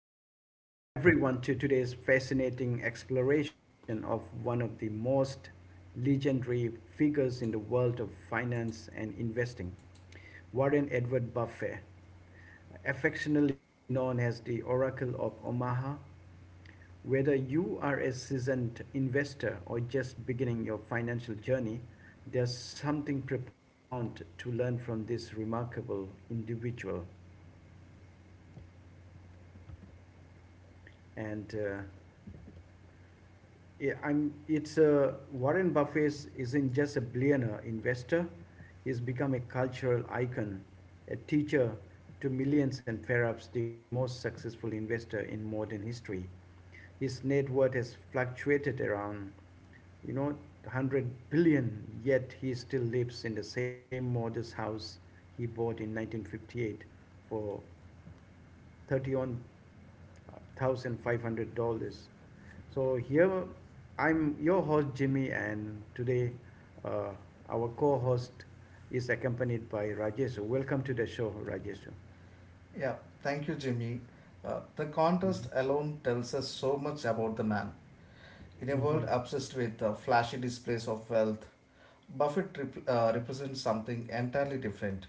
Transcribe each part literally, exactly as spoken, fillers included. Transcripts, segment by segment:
welcome everyone to today's fascinating exploration of one of the most legendary figures in the world of finance and investing, Warren Edward Buffett, affectionately known as the Oracle of Omaha. Whether you are a seasoned investor or just beginning your financial journey, there's something profound to learn from this remarkable individual. And uh, Yeah, I'm. It's uh, Warren Buffett isn't just a billionaire investor; he's become a cultural icon, a teacher to millions, and perhaps the most successful investor in modern history. His net worth has fluctuated around, you know, 100 billion. Yet he still lives in the same modest house he bought in nineteen fifty-eight for thirty-one thousand five hundred dollars. So here I'm your host Jimmy, and today uh, our co-host is accompanied by Rajesh. Welcome to the show, Rajesh. Yeah, thank you, Jimmy. Uh, the Mm-hmm. contest alone tells us so much about the man. In a Mm-hmm. world obsessed with uh, flashy displays of wealth, Buffett rep- uh, represents something entirely different: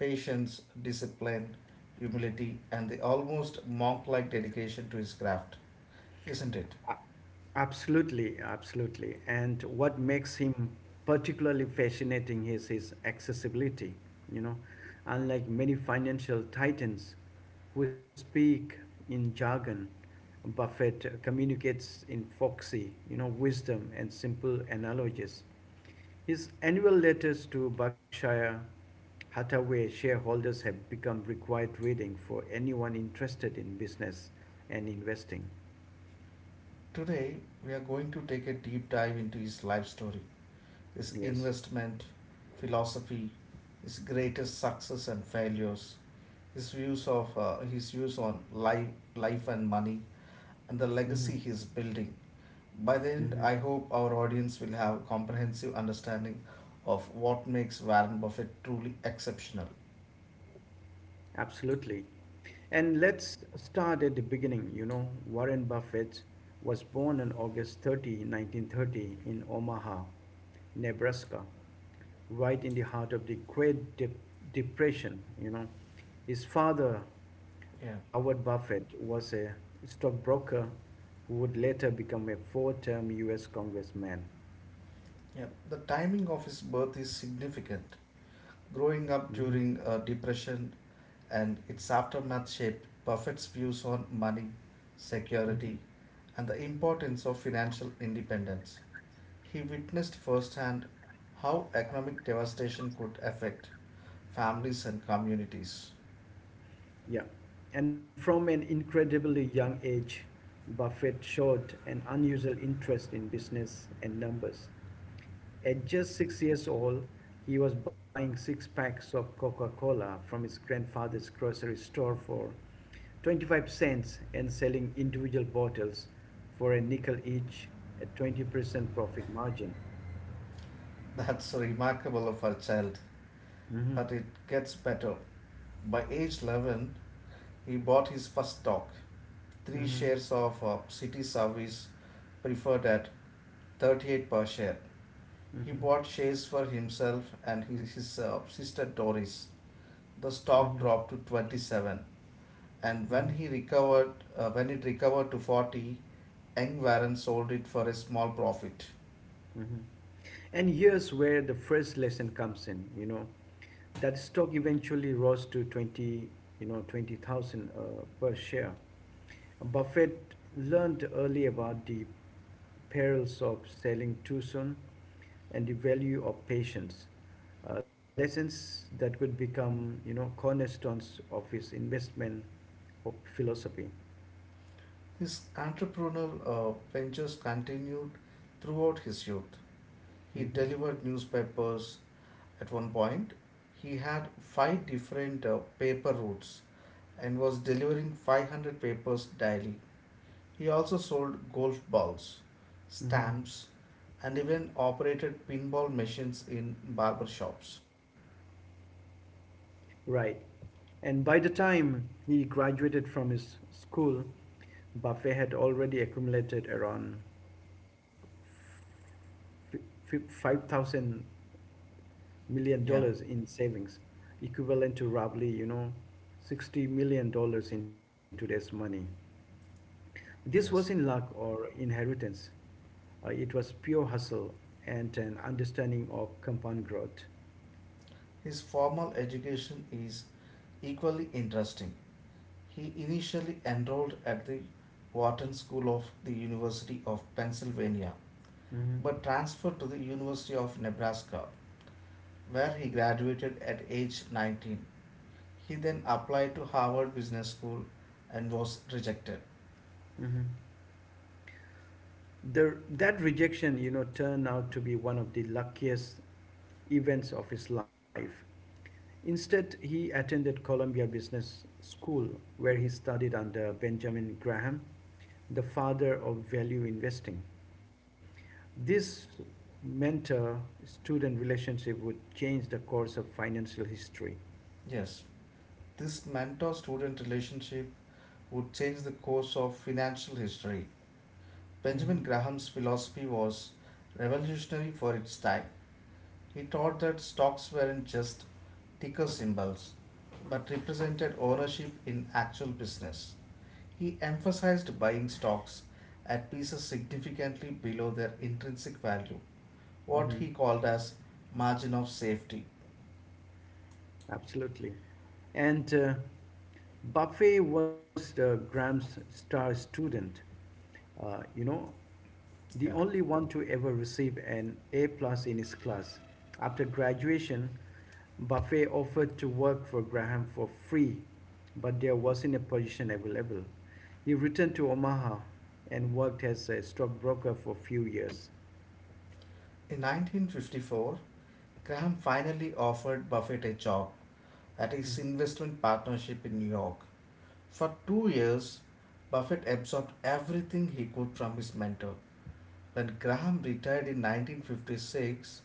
patience, discipline, humility, and the almost monk like dedication to his craft, isn't it? Absolutely, absolutely. And what makes him particularly fascinating is his accessibility. You know, Unlike many financial titans who speak in jargon, Buffett communicates in foxy, you know, wisdom and simple analogies. His annual letters to Berkshire Hathaway shareholders have become required reading for anyone interested in business and investing. Today, we are going to take a deep dive into his life story, his Yes. investment, philosophy, his greatest success and failures, his views of uh, his views on life, life and money, and the Mm-hmm. legacy he's building. By the end, Mhm. I hope our audience will have a comprehensive understanding of what makes Warren Buffett truly exceptional. Absolutely. And let's start at the beginning. You know, Warren Buffett was born on August thirtieth, nineteen thirty, nineteen thirty, in Omaha, Nebraska, right in the heart of the Great Dep- Depression. You know, his father, Yeah, Howard Buffett, was a stockbroker who would later become a four term U S congressman. yeah. The timing of his birth is significant. Growing up Mhm. during a depression and its aftermath shaped Buffett's views on money, security, and the importance of financial independence. He witnessed firsthand how economic devastation could affect families and communities. Yeah, and from an incredibly young age, Buffett showed an unusual interest in business and numbers. At just six years old, he was buying six packs of Coca Cola from his grandfather's grocery store for twenty-five cents and selling individual bottles for a nickel each at twenty percent profit margin. That's remarkable of our child, Mm-hmm. but it gets better. By age eleven, he bought his first stock, three Mm-hmm. shares of uh, City Service preferred at thirty-eight per share. He Mm-hmm. bought shares for himself and his, his uh, sister Doris. The Mm-hmm. stock dropped to twenty-seven, and Mm-hmm. when he recovered uh, when it recovered to forty, young Warren sold it for a small profit. Mm-hmm. And here's where the first lesson comes in, you know, that stock eventually rose to twenty, you know, twenty thousand uh, per share. Buffett learned early about the perils of selling too soon and the value of patience. Uh, lessons that could become, you know, cornerstones of his investment philosophy. His entrepreneurial uh, ventures continued throughout his youth. He Hmm. delivered newspapers. At one point, he had five different uh, paper routes and was delivering five hundred papers daily. He also sold golf balls, Hmm. stamps, and even operated pinball machines in barber shops. Right. And by the time he graduated from his school, Buffet had already accumulated around five thousand million Yeah, dollars in savings, equivalent to roughly, you know, sixty million dollars in today's money. This wasn't luck yes. or inheritance. Uh, it was pure hustle and an understanding of compound growth. His formal education is equally interesting. He initially enrolled at the Wharton School of the University of Pennsylvania, Mm-hmm. but transferred to the University of Nebraska, where he graduated at age nineteen. He then applied to Harvard Business School and was rejected. Mm-hmm. The, that rejection, you know, turned out to be one of the luckiest events of his life. Instead, he attended Columbia Business School, where he studied under Benjamin Graham, the father of value investing. This mentor student relationship would change the course of financial history. Yes, this mentor student relationship would change the course of financial history. Mm-hmm. Benjamin Graham's philosophy was revolutionary for its time. He taught that stocks weren't just ticker symbols but represented ownership in actual business. He emphasized buying stocks at pieces significantly below their intrinsic value, what Mm-hmm. he called as margin of safety. Absolutely. And uh, Buffet was uh, Graham's star student, uh, you know, the Yeah. only one to ever receive an A plus in his class. After graduation, Buffet offered to work for Graham for free, but there wasn't a position available. He returned to Omaha and worked as a stockbroker for a few years. In nineteen fifty-four, Graham finally offered Buffett a job at Mhm. his investment partnership in New York. For two years, Buffett absorbed everything he could from his mentor. When Graham retired in nineteen fifty-six,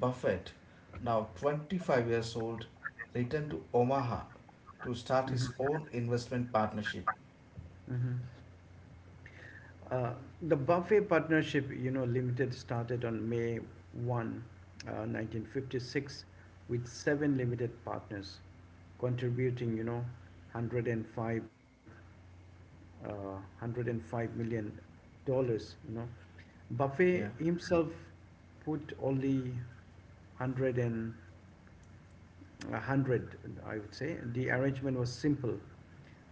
Buffett, now twenty-five years old, returned to Omaha to start his own investment partnership. Uh, the Buffet Partnership, you know, Limited started on May first, uh, nineteen fifty-six, with seven limited partners contributing, you know, one hundred five, uh, one hundred five million dollars. You know, Buffet Yeah. himself put only one hundred and a hundred, I would say. The arrangement was simple.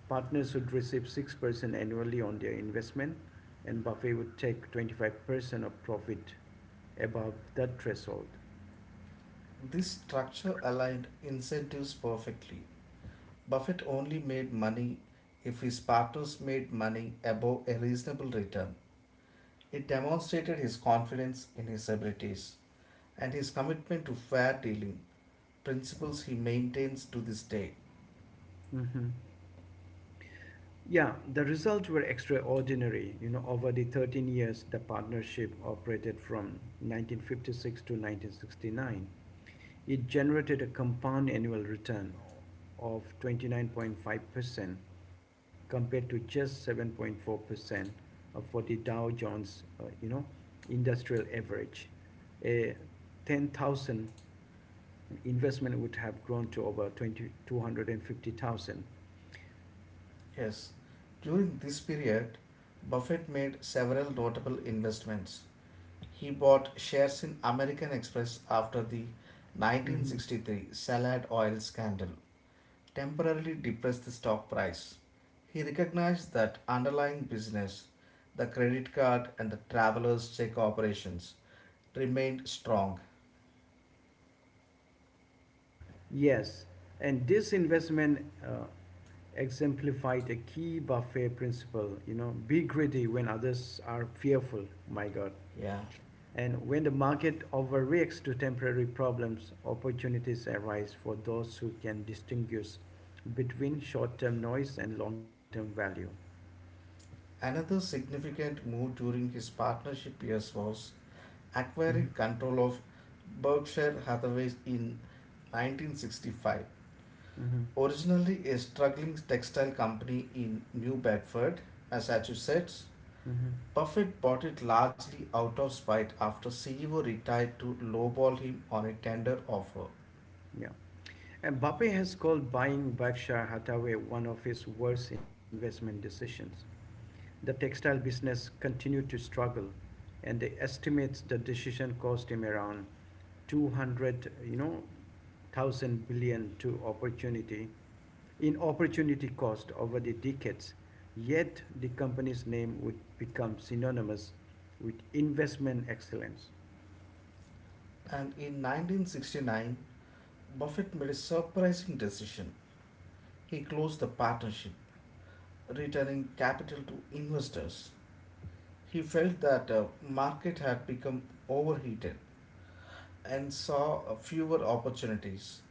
Partners would receive six percent annually on their investment, and Buffet would take twenty-five percent of profit above that threshold. This structure aligned incentives perfectly. Buffett only made money if his partners made money above a reasonable return. It demonstrated his confidence in his abilities and his commitment to fair dealing, principles he maintains to this day. Hmm. Yeah, the results were extraordinary. You know, over the thirteen years, the partnership operated from nineteen fifty-six to nineteen sixty-nine. It generated a compound annual return of twenty-nine point five percent compared to just seven point four percent for the Dow Jones, uh, you know, industrial average. A ten thousand investment would have grown to over twenty two hundred and fifty thousand. Yes, during this period, Buffett made several notable investments. He bought shares in American Express after the nineteen sixty-three Salad Oil scandal temporarily depressed the stock price. He recognized that underlying business, the credit card and the traveler's check operations, remained strong. Yes, and this investment uh, exemplified a key buffet principle. You know, be greedy when others are fearful. My God, Yeah. and when the market overreacts to temporary problems, opportunities arise for those who can distinguish between short-term noise and long-term value. Another significant move during his partnership years was Hmm. acquiring control of Berkshire Hathaway in nineteen sixty-five. Hmm. Originally a struggling textile company in New Bedford, Massachusetts, Hmm. Buffett bought it largely out of spite after C E O retired to lowball him on a tender offer. Yeah, and Buffett has called buying Berkshire Hathaway one of his worst investment decisions. The textile business continued to struggle, and they estimate the decision cost him around two hundred you know thousand billion to opportunity in opportunity cost over the decades. Yet the company's name would become synonymous with investment excellence. And in nineteen sixty-nine, Buffett made a surprising decision. He closed the partnership, returning capital to investors. He felt that the market had become overheated and saw uh, fewer opportunities.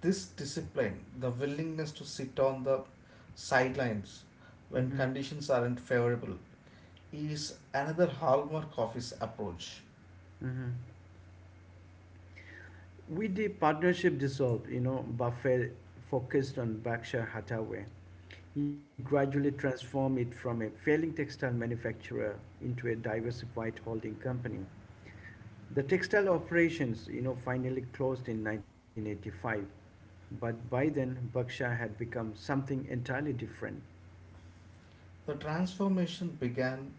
This discipline, the willingness to sit on the sidelines when Mhm, conditions aren't favorable, is another hallmark of his approach. mhm. With the partnership dissolved, you know Buffett focused on Berkshire Hathaway. He gradually transformed it from a failing textile manufacturer into a diversified holding company. The textile operations, you know, finally closed in nineteen eighty-five, but by then Berkshire had become something entirely different. The transformation began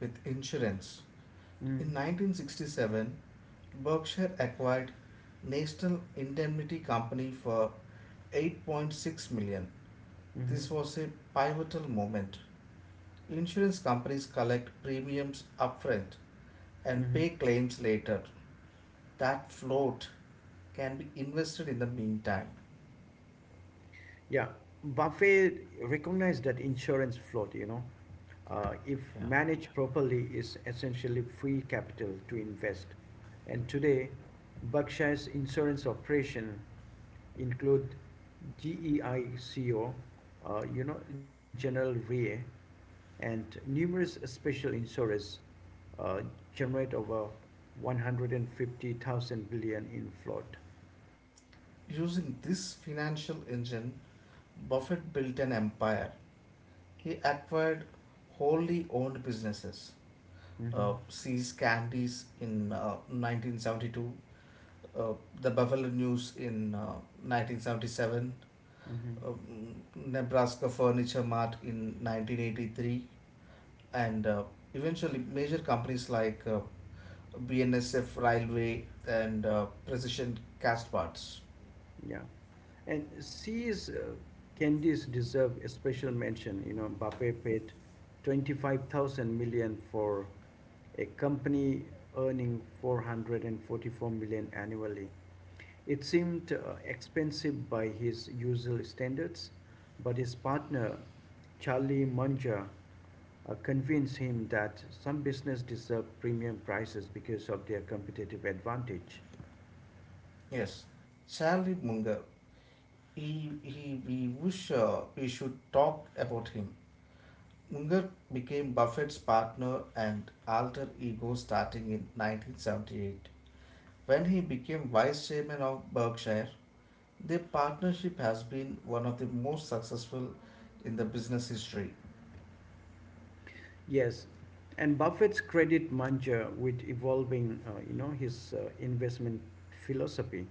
with insurance. Mm-hmm. In nineteen sixty-seven, Berkshire acquired National Indemnity Company for eight point six million. dollars. Mm-hmm. This was a pivotal moment. Insurance companies collect premiums upfront and Mm-hmm. pay claims later. That float can be invested in the meantime. Yeah, Buffet recognized that insurance float, you know, uh, if Yeah. managed properly, is essentially free capital to invest. And today, Berkshire's insurance operation include GEICO, uh, you know, General Re, and numerous special insurers uh, generate over one hundred fifty thousand billion in float. Using this financial engine, Buffett built an empire. He acquired wholly owned businesses. Hmm. Uh, See's Candies in uh, nineteen seventy-two, uh, the Buffalo News in uh, nineteen seventy-seven, Hmm. um, Nebraska Furniture Mart in nineteen eighty-three, and uh, eventually major companies like uh, B N S F Railway and uh, Precision Cast Parts. Yeah. And C's uh, candies deserve a special mention. You know, Mbappe paid twenty-five thousand million for a company earning four hundred forty-four million annually. It seemed uh, expensive by his usual standards, but his partner, Charlie Munger, uh, convinced him that some business deserve premium prices because of their competitive advantage. Yes, Charlie Munger. He, he, we wish uh, we should talk about him. Munger became Buffett's partner and alter ego starting in nineteen seventy-eight. When he became vice chairman of Berkshire, their partnership has been one of the most successful in the business history. Yes, and Buffett's credit Munger with evolving, uh, you know, his uh, investment philosophy,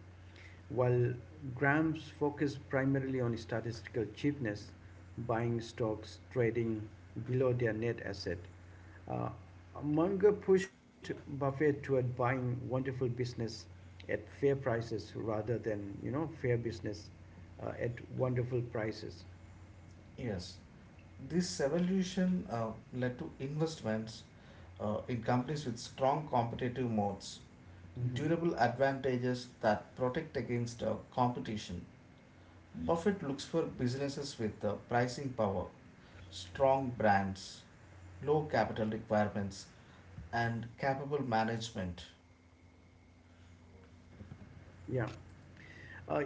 while Graham's focused primarily on statistical cheapness, buying stocks trading below their net asset. Uh, Munger pushed Buffett toward buying wonderful business at fair prices rather than, you know, fair business uh, at wonderful prices. Yes, this evolution uh, led to investments uh, in companies with strong competitive moats, Mhm. durable advantages that protect against uh, competition. Mm. Buffett looks for businesses with uh, pricing power, strong brands, low capital requirements, and capable management. Yeah. Uh,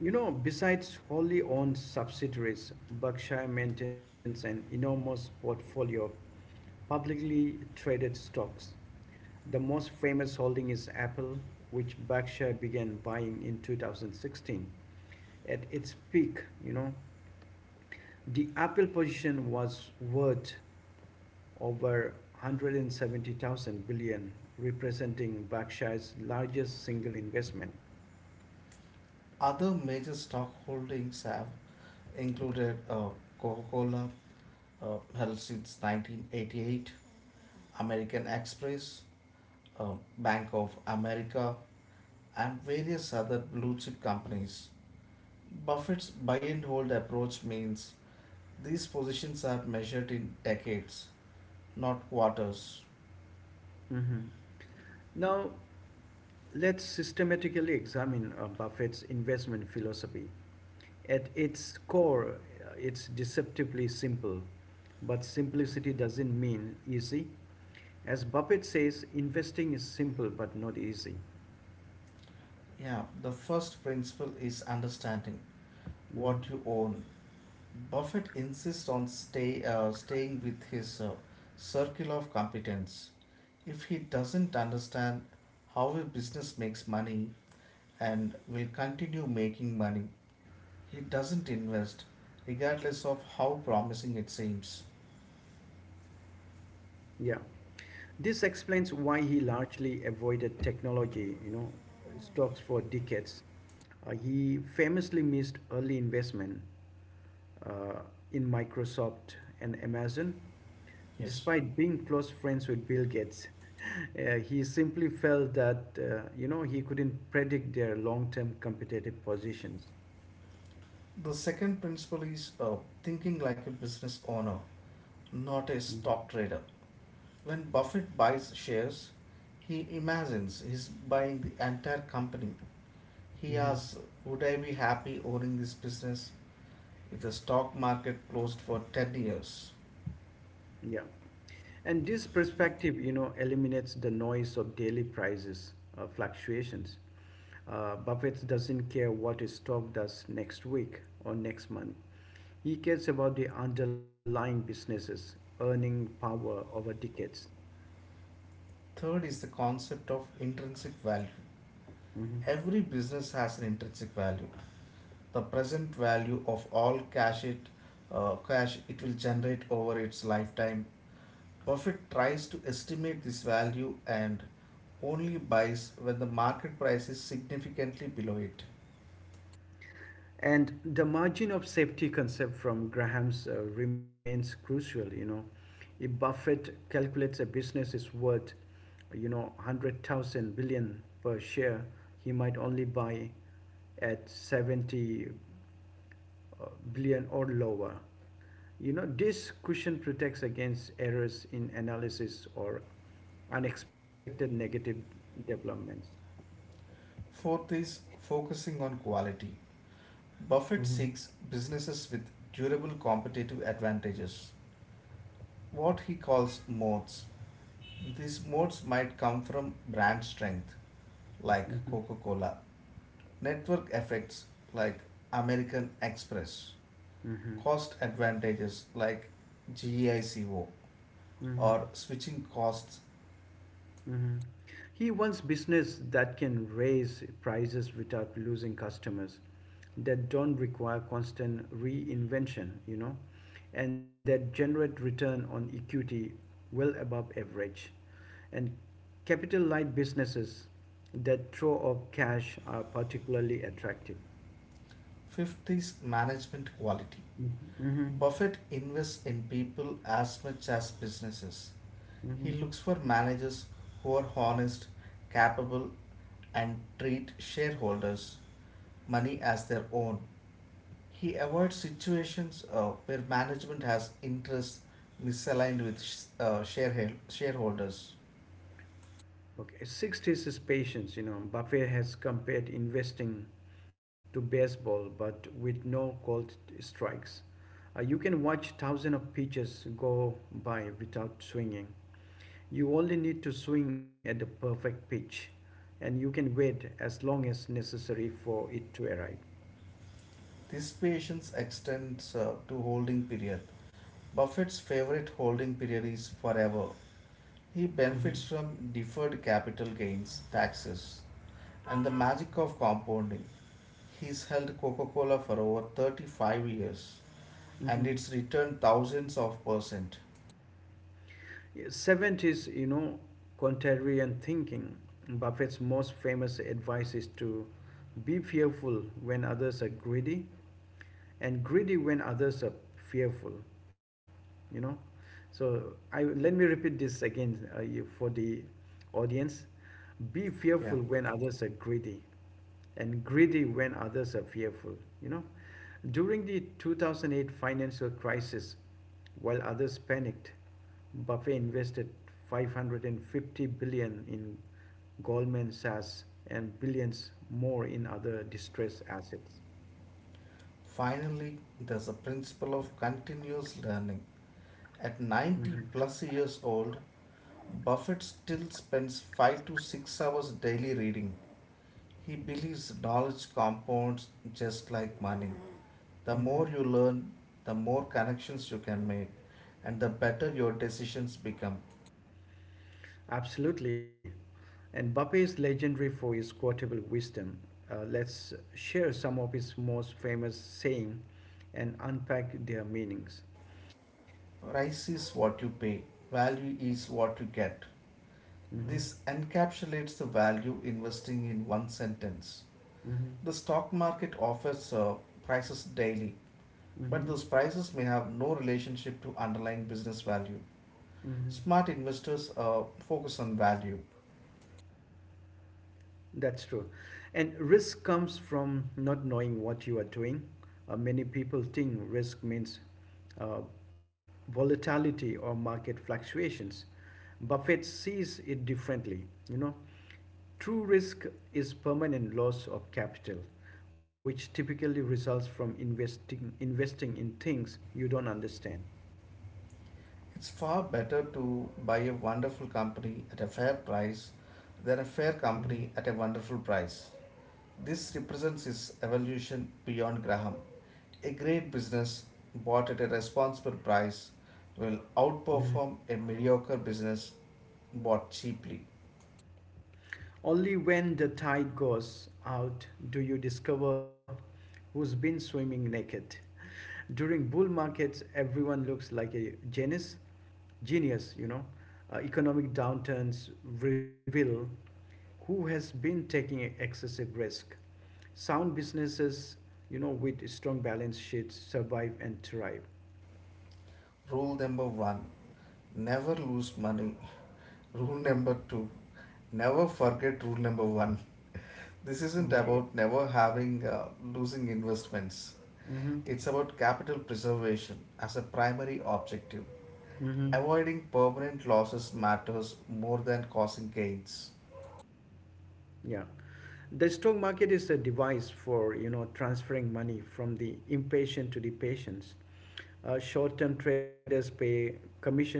you know, besides wholly owned subsidiaries, Berkshire maintains an enormous portfolio of publicly traded stocks. The most famous holding is Apple, which Berkshire began buying in two thousand sixteen. At its peak, you know, the Apple position was worth over one hundred seventy thousand billion, representing Berkshire's largest single investment. Other major stock holdings have included uh, Coca Cola, uh, held since nineteen eighty-eight, American Express, uh, Bank of America, and various other blue chip companies. Buffett's buy and hold approach means these positions are measured in decades, not quarters. Hmm. Now, let's systematically examine uh, Buffett's investment philosophy. At its core, uh, it's deceptively simple, but simplicity doesn't mean easy. As Buffett says, investing is simple but not easy. Yeah, the first principle is understanding what you Mhm. own. Buffett insists on stay uh, staying with his uh, circle of competence. If he doesn't understand how a business makes money and will continue making money, he doesn't invest regardless of how promising it seems. Yeah. This explains why he largely avoided technology, you know, stocks for decades. Uh, he famously missed early investment uh, in Microsoft and Amazon. Yes. Despite being close friends with Bill Gates, uh, he simply felt that uh, you know he couldn't predict their long-term competitive positions. The second principle is uh, thinking like a business owner, not a Hmm. stock trader. When Buffett buys shares, he imagines he's buying the entire company. He Hmm. asks, would I be happy owning this business if the stock market closed for ten years? Yeah. And this perspective, you know, eliminates the noise of daily prices uh, fluctuations. Uh, Buffett doesn't care what his stock does next week or next month. He cares about the underlying businesses, earning power over decades. Third is the concept of intrinsic value. Mhm. Every business has an intrinsic value, the present value of all cash it uh, cash it will generate over its lifetime. Buffett tries to estimate this value and only buys when the market price is significantly below it. And the margin of safety concept from Graham's uh, remains crucial. You know, if Buffett calculates a business is worth, you know, one hundred thousand billion per share, he might only buy at seventy uh, billion or lower. You know, this cushion protects against errors in analysis or unexpected negative developments. Fourth is focusing on quality. Hmm. Buffett seeks businesses with durable competitive advantages, what he calls moats. These moats might come from brand strength, like Mm-hmm. Coca Cola, network effects, like American Express, Mm-hmm. cost advantages, like GEICO, Mm-hmm. or switching costs. Mhm. He wants business that can raise prices without losing customers, that don't require constant reinvention, you know, and that generate return on equity well above average. And capital light businesses that throw off cash are particularly attractive. Fifth is management quality. Mm-hmm. Buffett invests in people as much as businesses. He Mm-hmm. looks for managers who are honest, capable, and treat shareholders' money as their own. He avoids situations uh, where management has interests misaligned with uh, shareholders. Okay, sixth is his patience. You know, Buffett has compared investing to baseball, but with no called strikes. Uh, you can watch thousands of pitches go by without swinging. You only need to swing at the perfect pitch, and you can wait as long as necessary for it to arrive. This patience extends uh, to holding period. Buffett's favorite holding period is forever. He Mhm. benefits from deferred capital gains taxes and the magic of compounding. He's held Coca Cola for over thirty-five years Mhm. and it's returned thousands of percent. Yeah, Seventh is, you know, contrarian thinking. Buffett's most famous advice is to be fearful when others are greedy and greedy when others are fearful. You know so I let me repeat this again uh, you- for the audience: be fearful Yeah. when others are greedy and greedy when others are fearful. You know during the two thousand eight financial crisis, while others panicked, Buffett invested five hundred fifty billion in Goldman Sachs and billions more in other distressed assets. Finally, there's a principle of continuous learning. At ninety Mhm. plus years old, Buffett still spends five to six hours daily reading. He believes knowledge compounds just like money. The more you Mhm. learn, the more connections you can make, and the better your decisions become. Absolutely. And Mbappe is legendary for his quotable wisdom. Uh, let's share some of his most famous saying and unpack their meanings. Price is what you pay, value is what you get. Hmm. This encapsulates the value investing in one sentence. Hmm. The stock market offers uh, prices daily, but Hmm. those prices may have no relationship to underlying business value. Hmm. Smart investors uh, focus on value. That's true. And risk comes from not knowing what you are doing. Uh, many people think risk means uh, volatility or market fluctuations. Buffett sees it differently. You know, True risk is permanent loss of capital, which typically results from investing investing in things you don't understand. It's far better to buy a wonderful company at a fair price than a fair company at a wonderful price. This represents his evolution beyond Graham. A great business bought at a responsible price will Mm. outperform a mediocre business bought cheaply. Only when the tide goes out do you discover who's been swimming naked. During bull markets, everyone looks like a genius, genius, you know. Uh, economic downturns reveal who has been taking excessive risk. Sound businesses, you know, with strong balance sheets survive and thrive. Rule number one, never lose money. Rule number two, never forget rule number one. This isn't My about God. never having uh, losing investments. It's Mm-hmm. about capital preservation as a primary objective. Mm-hmm. Avoiding permanent losses matters more than causing gains. Yeah. The stock market is a device for, you know, transferring money from the impatient to the patients. Uh, short-term traders pay commissions,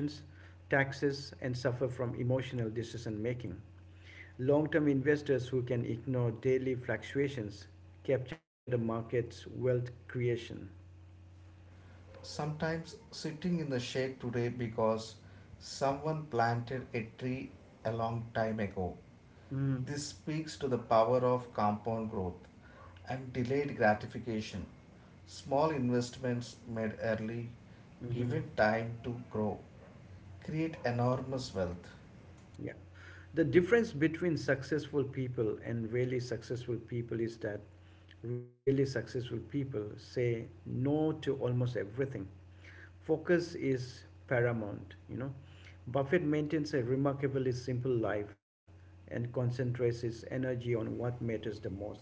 taxes, and suffer from emotional decision making. Long-term investors who can ignore daily fluctuations capture the market's wealth creation. Sometimes sitting in the shade today because someone planted a tree a long time ago. Mm-hmm. This speaks to the power of compound growth and delayed gratification. Small investments made early, Mm-hmm. given time to grow, create enormous wealth. Yeah. The difference between successful people and really successful people is that really successful people say no to almost everything. Focus is paramount, you know. Buffett maintains a remarkably simple life and concentrates his energy on what matters the most.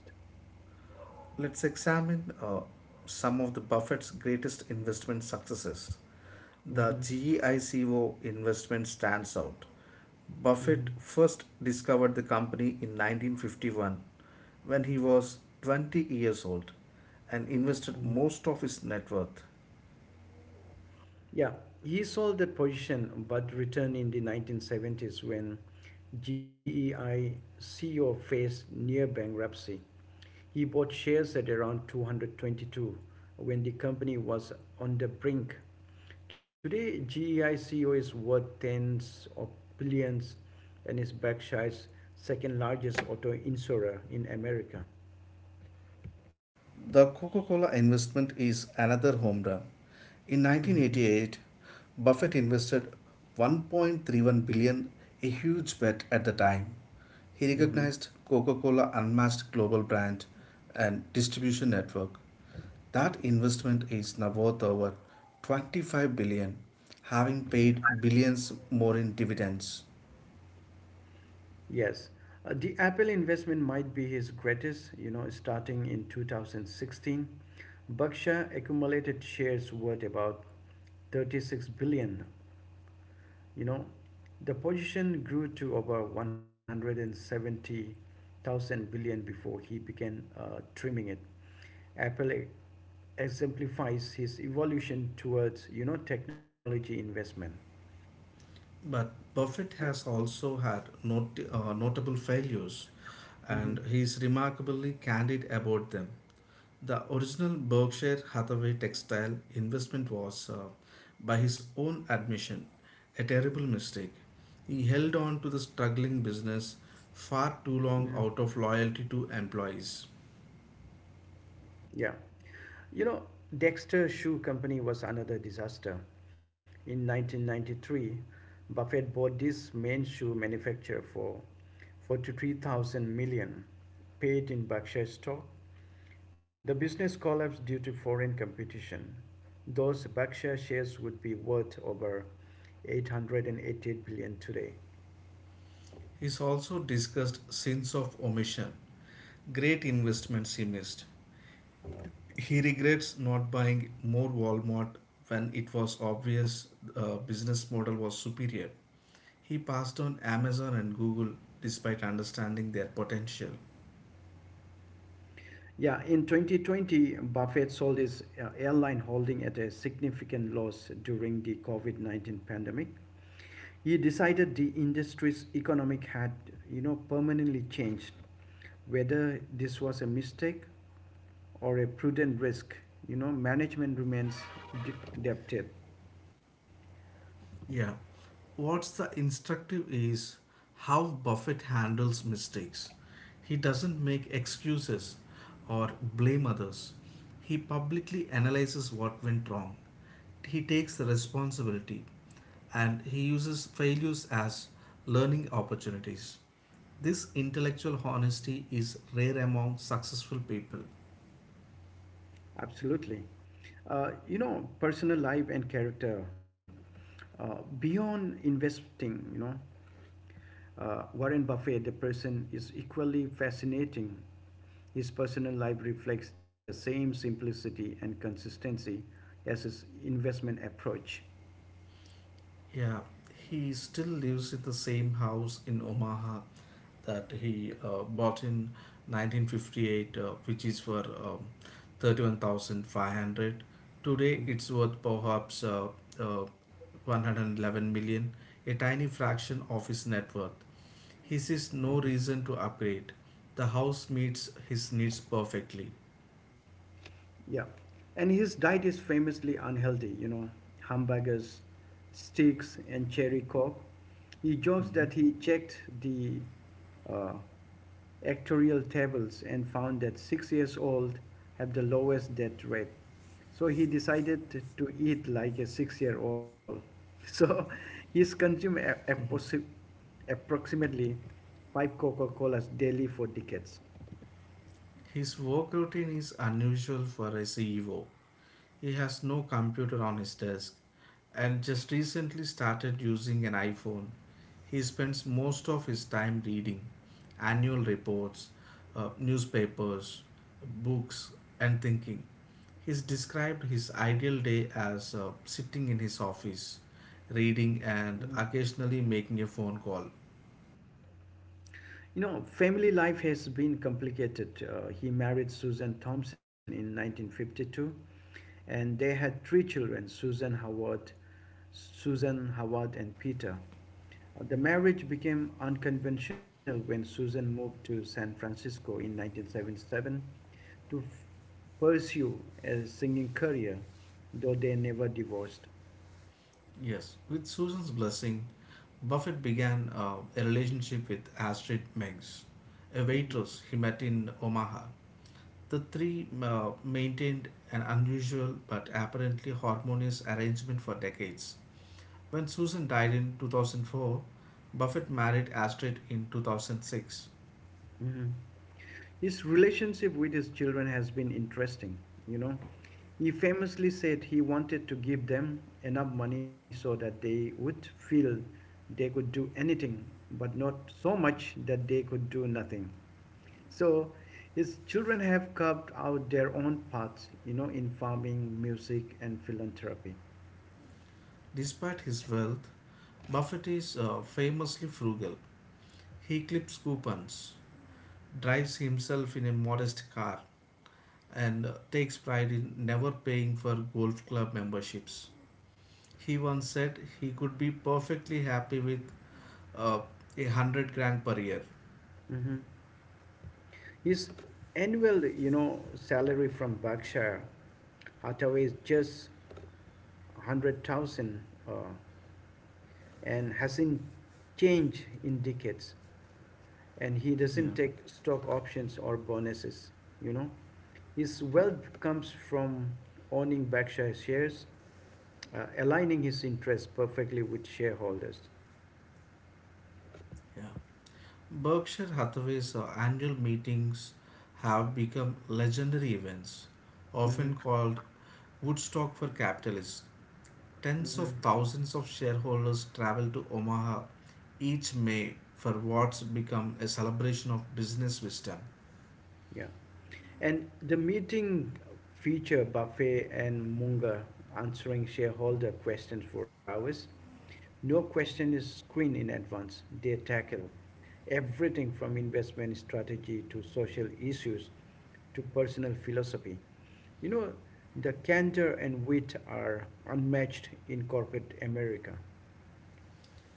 Let's examine uh, some of the Buffett's greatest investment successes. Hmm. The GEICO investment stands out. Hmm. Buffett first discovered the company in nineteen fifty-one when he was twenty years old and Hmm. invested most of his net worth. Yeah, he sold that position but returned in the nineteen seventies when G E I C E O faced near bankruptcy. He bought shares at around two hundred twenty-two when the company was on the brink. Today, GEICO is worth tens of billions and is Berkshire's second largest auto insurer in America. The Coca Cola investment is another home run. In Mm-hmm. nineteen eighty-eight, Buffett invested one point three one billion, a huge bet at the time. He Mm-hmm. recognized coca colas unmatched global brand and distribution network. That investment is now worth over twenty-five billion, having paid billions more in dividends. Yes. Uh, the Apple investment might be his greatest, you know, starting in two thousand sixteen. Berkshire accumulated shares worth about thirty-six billion. You know, the position grew to over one hundred seventy thousand billion before he began uh, trimming it. Apple e- exemplifies his evolution towards, you know, technology investment. But Buffett has also had not, uh, notable failures, Mhm, and he is remarkably candid about them. The original Berkshire Hathaway textile investment was, uh, by his own admission, a terrible mistake. He held on to the struggling business far too mhm. long out of loyalty to employees. Yeah. You know, Dexter Shoe Company was another disaster. In nineteen ninety-three, Buffett bought this main shoe manufacturer for forty-three thousand million, paid in Berkshire stock. The business collapsed due to foreign competition. Those Berkshire shares would be worth over eight hundred eighty-eight billion dollars today. He's also discussed sins of omission, great investments he missed. He regrets not buying more Walmart when it was obvious the business model was superior. He passed on Amazon and Google despite understanding their potential. Yeah, in twenty twenty, Buffett sold his uh, airline holding at a significant loss during the COVID nineteen pandemic. He decided the industry's economic had, you know, permanently changed. Whether this was a mistake or a prudent risk, you know, management remains de- debted. Yeah. What's the instructive is how Buffett handles mistakes. He doesn't make excuses or blame others. He publicly analyzes what went wrong. He takes the responsibility and he uses failures as learning opportunities. This intellectual honesty is rare among successful people. Absolutely. Uh, you know, personal life and character. Uh, beyond investing, you know, uh, Warren Buffett, the person, is equally fascinating. His personal life reflects the same simplicity and consistency as his investment approach. Yeah, he still lives in the same house in Omaha that he uh, bought in nineteen fifty-eight, uh, which is for um, thirty-one thousand five hundred. Today, it's worth perhaps uh, uh, one hundred eleven million, a tiny fraction of his net worth. He sees Mhm. no reason to upgrade. The house meets his needs perfectly. Yeah. And his diet is famously unhealthy, you know, hamburgers, steaks, and cherry coke. He jokes that Mhm. he checked the uh, actuarial tables and found that six years old have the lowest death rate. So he decided to to eat like a six year old. So he's consumed a- approxi- approximately five Coca Colas daily for decades. His work routine is unusual for a C E O. He has no computer on his desk and just recently started using an iPhone. He spends most of his time reading annual reports, uh, newspapers, books, and thinking. He's described his ideal day as uh, sitting in his office, reading, and occasionally making a phone call. You know, family life has been complicated. Uh, he married Susan Thompson in nineteen fifty-two, and they had three children Susan Howard, Susan Howard, and Peter. Uh, The marriage became unconventional when Susan moved to San Francisco in nineteen seventy-seven to f- pursue a singing career, though they never divorced. Yes, with Susan's blessing, Buffett began uh, a relationship with Astrid Meggs, a waitress he met in Omaha. The three uh, maintained an unusual but apparently harmonious arrangement for decades. When Susan died in two thousand four, Buffett married Astrid in two thousand six. Mhm. His relationship with his children has been interesting, you know. He famously said he wanted to give them enough money so that they would feel they could do anything, but not so much that they could do nothing. So his children have carved out their own paths, you know, in farming, music, and philanthropy. Despite his wealth, Buffett is uh, famously frugal. He clips coupons, drives himself in a modest car, and uh, takes pride in never paying for golf club memberships. He once said he could be perfectly happy with uh, a hundred grand per year. Mhm. His annual, you know, salary from Berkshire Hathaway is just one hundred thousand, uh, and hasn't changed in decades, and he Yeah. doesn't take stock options or bonuses you know his wealth comes from owning Berkshire shares, uh, aligning his interests perfectly with shareholders. Yeah. Berkshire Hathaway's uh, annual meetings have become legendary events, Hmm. often called Woodstock for capitalists. Tens Hmm. of thousands of shareholders travel to Omaha each May for what's become a celebration of business wisdom. Yeah. And the meeting feature Buffet and Munger answering shareholder questions for hours. No question is screened in advance. They tackle everything from investment strategy to social issues to personal philosophy. You know, the candor and wit are unmatched in corporate America.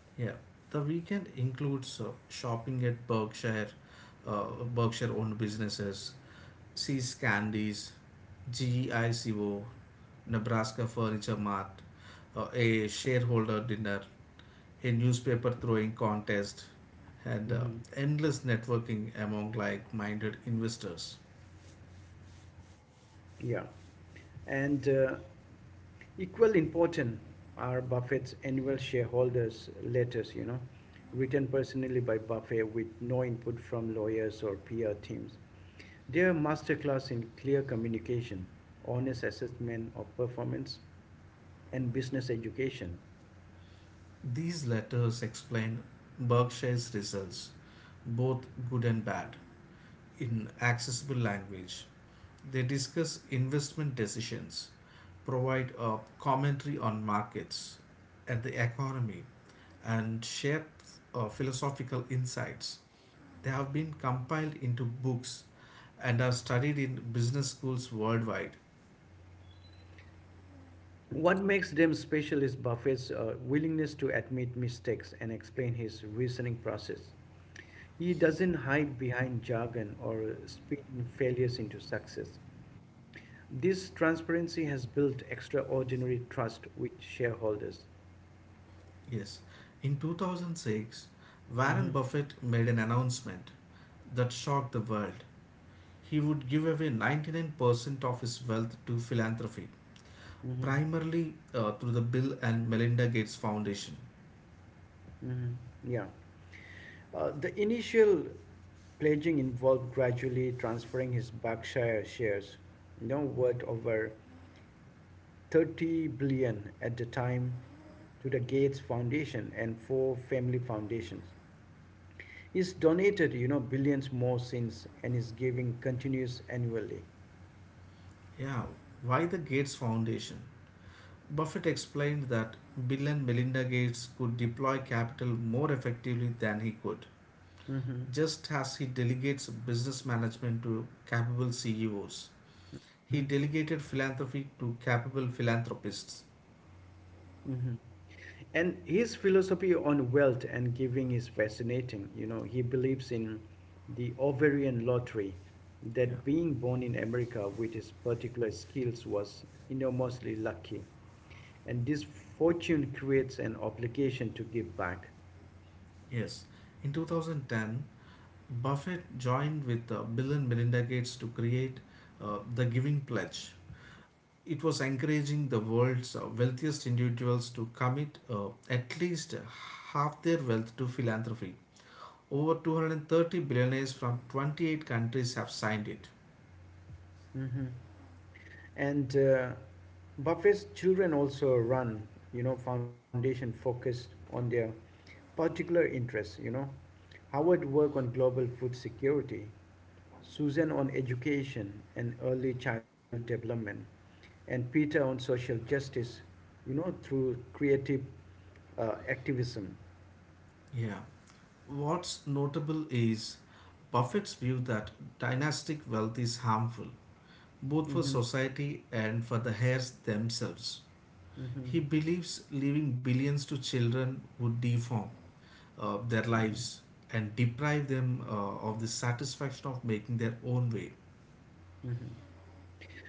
Yeah, the weekend includes uh, shopping at Berkshire, uh, Berkshire-owned businesses, See's Candies, G I C O, Nebraska Furniture Mart, uh, a shareholder dinner, a newspaper throwing contest, and uh, Hmm. endless networking among like minded investors. Yeah. And uh, equally important are Buffett's annual shareholders letters, you know, written personally by Buffett with no input from lawyers or P R teams. Their masterclass in clear communication, honest assessment of performance, and business education. These letters explain Berkshire's results, both good and bad, in accessible language. They discuss investment decisions, provide a commentary on markets and the economy, and share uh, philosophical insights. They have been compiled into books and are studied in business schools worldwide. What makes them special is Buffett's uh, willingness to admit mistakes and explain his reasoning process. He doesn't hide behind jargon or spin failures into success. This transparency has built extraordinary trust with shareholders. Yes, in two thousand six, Warren Mm-hmm. Buffett made an announcement that shocked the world. He would give away ninety-nine percent of his wealth to philanthropy, Mm-hmm. primarily uh, through the Bill and Melinda Gates Foundation. Mm-hmm. Yeah. Uh, the initial pledging involved gradually transferring his Berkshire shares, now worth over thirty billion dollars at the time, to the Gates Foundation and four family foundations. He's donated, you know, billions more since, and is giving continuous annually. Yeah, why the Gates Foundation? Buffett explained that Bill and Melinda Gates could deploy capital more effectively than he could, Mm-hmm. just as he delegates business management to capable C E Os. Mm-hmm. He delegated philanthropy to capable philanthropists. Hmm. And his philosophy on wealth and giving is fascinating. You know, he believes in the ovarian lottery, Yeah. that being born in America with his particular skills was enormously lucky. And this fortune creates an obligation to give back. Yes. In twenty ten, Buffett joined with uh, Bill and Melinda Gates to create uh, the Giving Pledge. It was encouraging the world's uh, wealthiest individuals to commit uh, at least half their wealth to philanthropy. Over two hundred thirty billionaires from twenty-eight countries have signed it. Hmm. And uh, Buffett's children also run, you know, foundation focused on their particular interests, you know. Howard worked on global food security. Susan on education and early childhood development, and Peter on social justice, you know, through creative uh, activism. Yeah. What's notable is Buffett's view that dynastic wealth is harmful, both for Mm-hmm. society and for the heirs themselves. Mm-hmm. He believes leaving billions to children would deform uh, their Mm-hmm. lives and deprive them uh, of the satisfaction of making their own way. Mm-hmm.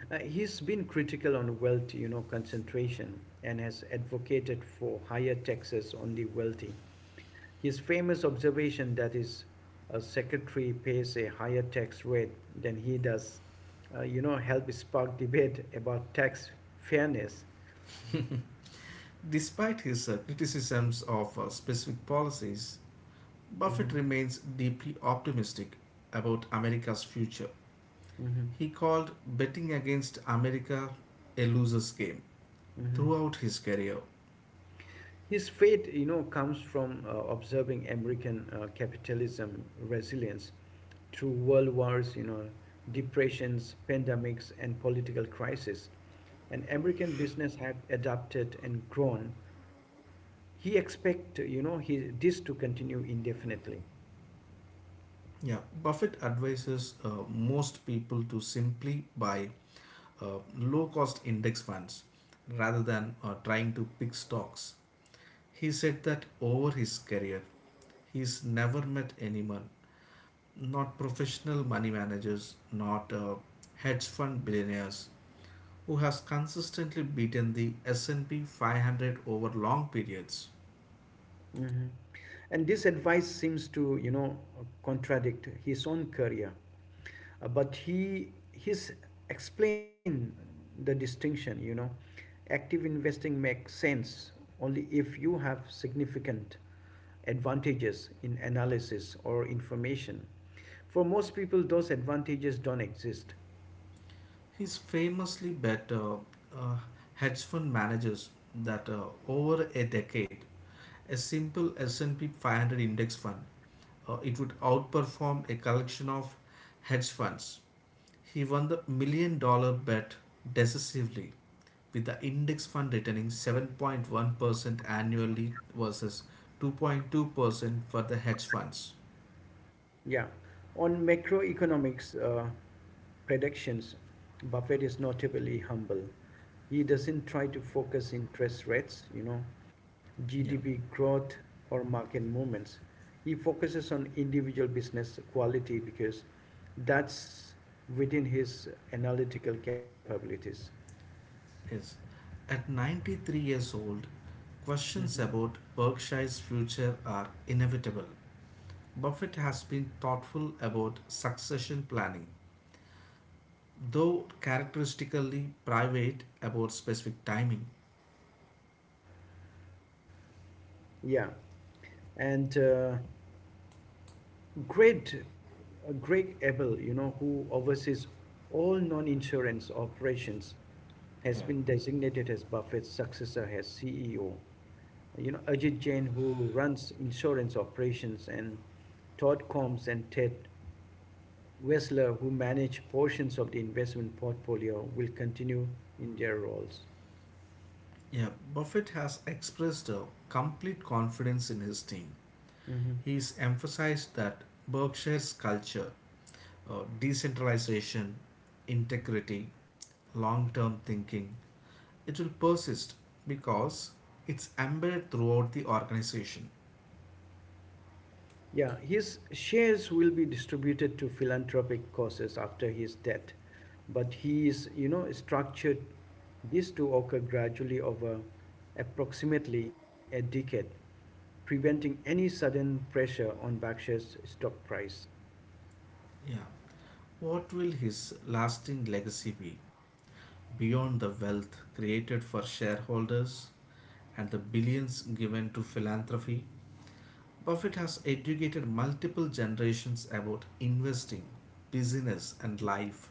Uh, he's been critical on wealth, you know, concentration and has advocated for higher taxes on the wealthy. His famous observation that his uh, secretary pays a higher tax rate than he does, uh, you know, helped spark debate about tax fairness. Despite his uh, criticisms of uh, specific policies, Mhm, Buffett remains deeply optimistic about America's future. mhm, He called betting against America a loser's game mhm. throughout his career. His faith, you know, comes from uh, observing American uh, capitalism resilience through world wars, you know, depressions, pandemics, and political crises. And American business had adapted and grown. He expect, you know he, this to continue indefinitely. Yeah, Buffett advises uh, most people to simply buy uh, low cost index funds rather than uh, trying to pick stocks. He said that over his career, he's never met anyone, not professional money managers, not uh, hedge fund billionaires, who has consistently beaten the S and P five hundred over long periods. Mhm. And this advice seems to, you know contradict his own career. Uh, but he he's explained the distinction. You know active investing makes sense only if you have significant advantages in analysis or information. For most people, those advantages don't exist. He's famously bet uh, uh, hedge fund managers that uh, over a decade, a simple S and P five hundred index fund, uh, it would outperform a collection of hedge funds. He won the million dollar bet decisively, with the index fund returning seven point one percent annually versus two point two percent for the hedge funds. Yeah. On macroeconomics uh, predictions, Buffett is notably humble. He doesn't try to focus interest rates, you know, Yeah, G D P growth or market movements. He focuses on individual business quality because that's within his analytical capabilities. yes. At ninety-three years old, questions Mhm. about Berkshire's future are inevitable. Buffett has been thoughtful about succession planning, though characteristically private about specific timing. Yeah. And uh, Great, uh, Greg Abel, you know, who oversees all non-insurance operations, has Yeah. been designated as Buffett's successor as C E O. You know, Ajit Jain, who runs insurance operations, and Todd Combs and Ted Wessler, who manage portions of the investment portfolio, will continue in their roles. Yeah, Buffett has expressed a complete confidence in his team. Mhm. He's emphasized that Berkshire's culture, uh, decentralization, integrity, long term thinking, it will persist because it's embedded throughout the organization. Yeah, his shares will be distributed to philanthropic causes after his death, but he is, you know, structured this to occur gradually over approximately a decade, preventing any sudden pressure on Berkshire's stock price. Yeah. What will his lasting legacy be beyond the wealth created for shareholders and the billions given to philanthropy? Buffett has educated multiple generations about investing, business, and life.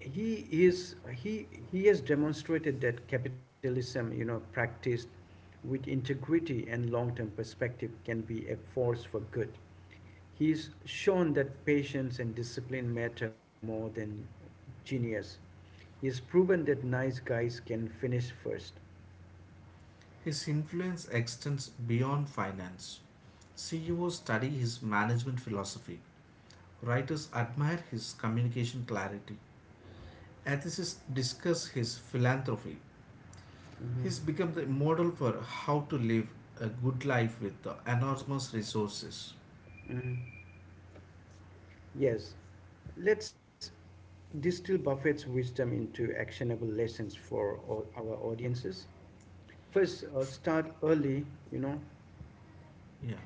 He is he he has demonstrated that capitalism, you know practiced with integrity and long-term perspective, can be a force for good. He's shown that patience and discipline matter more than genius. He's proven that nice guys can finish first. His influence extends beyond finance. C E Os study his management philosophy. Writers admire his communication clarity. Atheists discuss his philanthropy. He's become the model for how to live a good life with the enormous resources. Yes, let's distill Buffett's wisdom into actionable lessons for all our audiences. First, uh, start early, you know. Yeah.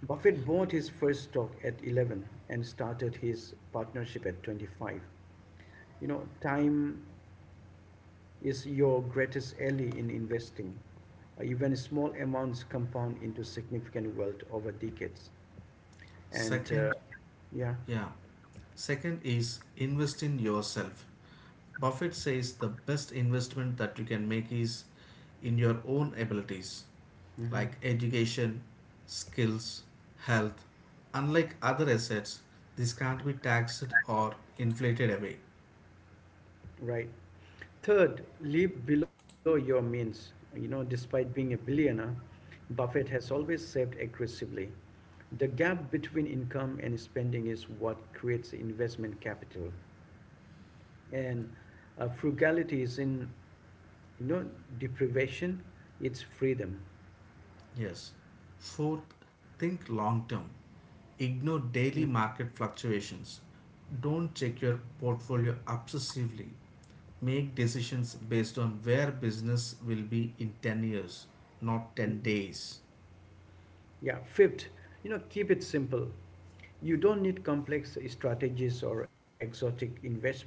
Buffett bought his first stock at eleven and started his partnership at twenty-five. You know, time is your greatest ally in investing. Uh, even small amounts compound into significant wealth over decades. And uh, Second, yeah. yeah. Second is invest in yourself. Buffett says the best investment that you can make is in your own abilities Hmm. like education, skills, health. Unlike other assets, this can't be taxed or inflated away. Right. Third, live below your means. You know, despite being a billionaire, Buffett has always saved aggressively. The gap between income and spending is what creates investment capital. And uh, frugality is in, you know, deprivation, it's freedom. Yes. Fourth, think long term. Ignore Mhm. daily market fluctuations. Don't check your portfolio obsessively. Make decisions based on where business will be in ten years, not ten days. Yeah, fifth, you know, keep it simple. You don't need complex strategies or exotic investment.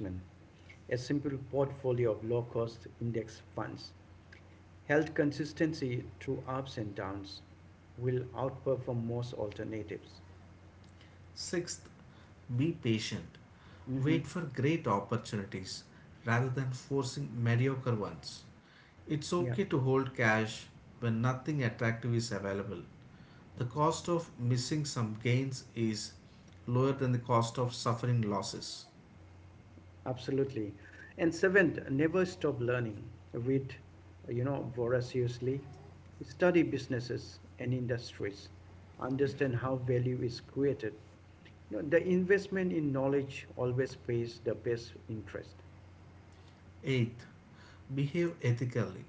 A simple portfolio of low cost index funds held consistency through ups and downs will outperform most alternatives. Sixth, be patient. Hmm. Wait for great opportunities rather than forcing mediocre ones. Yeah. It's okay to hold cash when nothing attractive is available. The cost of missing some gains is lower than the cost of suffering losses. Absolutely. And seventh, never stop learning. Read, you know, voraciously. Study businesses and industries. Yeah. Understand how value is created. You know, the investment in knowledge always pays the best interest. Eighth, behave ethically.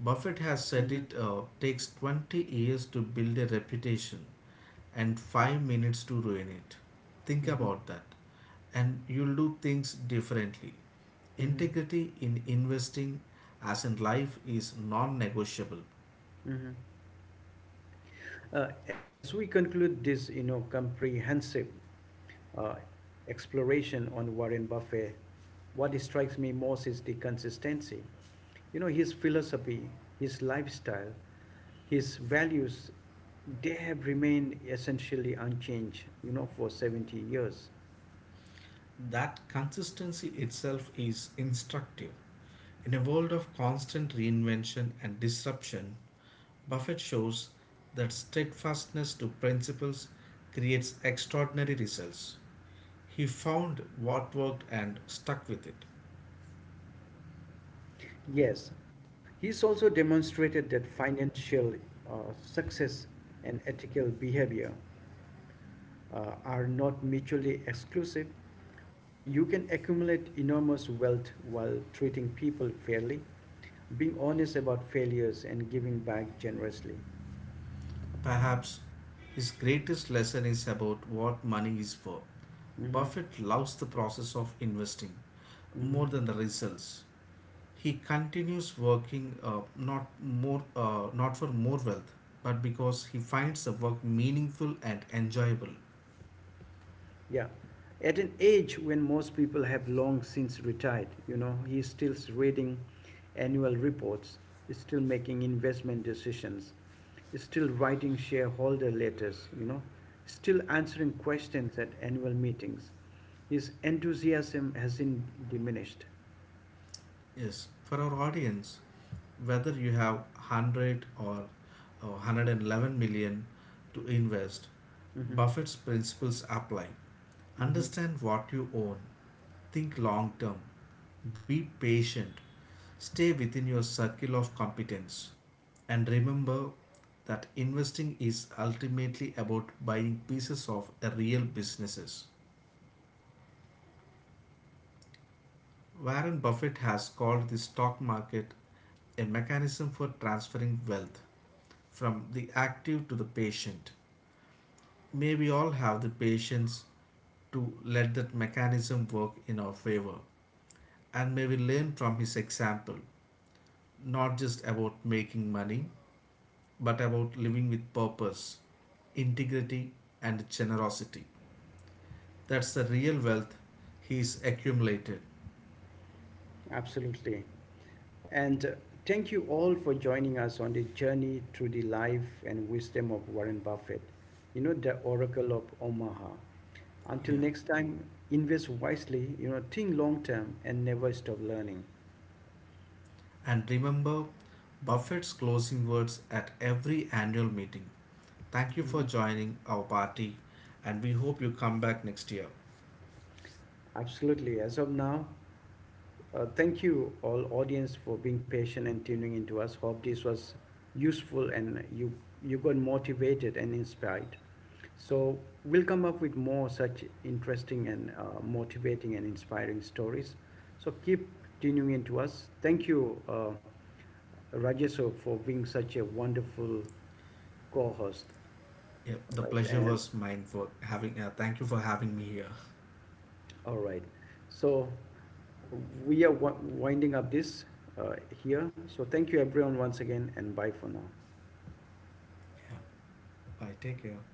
Buffett has Mm-hmm. said it uh, takes twenty years to build a reputation and five minutes to ruin it. Think Mm-hmm. about that, and you'll do things differently. Mm-hmm. Integrity in investing, as in life, is non negotiable. Mm-hmm. Uh, as we conclude this, you know, comprehensive uh, exploration on Warren Buffett, what strikes me most is the consistency. You know his philosophy, his lifestyle, his values, they have remained essentially unchanged, you know for seventy years. That consistency itself is instructive. In a world of constant reinvention and disruption, Buffett shows that steadfastness to principles creates extraordinary results. He found what worked and stuck with it. Yes, he's also demonstrated that financial uh, success and ethical behavior uh, are not mutually exclusive. You can accumulate enormous wealth while treating people fairly, being honest about failures, and giving back generously. Perhaps his greatest lesson is about what money is for. Hmm. Buffett loves the process of investing Hmm. more than the results. He continues working uh, not more uh, not for more wealth, but because he finds the work meaningful and enjoyable. Yeah. At an age when most people have long since retired, you know, he's still reading annual reports, is still making investment decisions, is still writing shareholder letters, you know, still answering questions at annual meetings. His enthusiasm hasn't diminished. Yes, for our audience, whether you have one hundred or uh, one hundred eleven million to invest, Mm-hmm. Buffett's principles apply. Mm-hmm. Understand what you own. Think long term. Be patient. Stay within your circle of competence. And remember that investing is ultimately about buying pieces of real businesses. Warren Buffett has called the stock market a mechanism for transferring wealth from the active to the patient. May we all have the patience to let that mechanism work in our favor. And may we learn from his example, not just about making money, but about living with purpose, integrity, and generosity. That's the real wealth he's accumulated. Absolutely. And uh, thank you all for joining us on the journey through the life and wisdom of Warren Buffett, you know, the Oracle of Omaha. Until Yeah. next time, invest wisely, you know, think long term, and never stop learning. And remember Buffett's closing words at every annual meeting. Thank you for Mhm. joining our party, and we hope you come back next year. Absolutely. As of now, uh, thank you all audience for being patient and tuning into us. Hope this was useful and you you got motivated and inspired. So we'll come up with more such interesting and uh, motivating and inspiring stories. So keep tuning into us. Thank you, uh, Rajesh, for being such a wonderful co-host. Yep, All the right, pleasure and was mine for having. Uh, thank you for having me here. all right. So we are wi- winding up this uh, here. So thank you everyone once again and bye for now. Yeah, bye. Take care.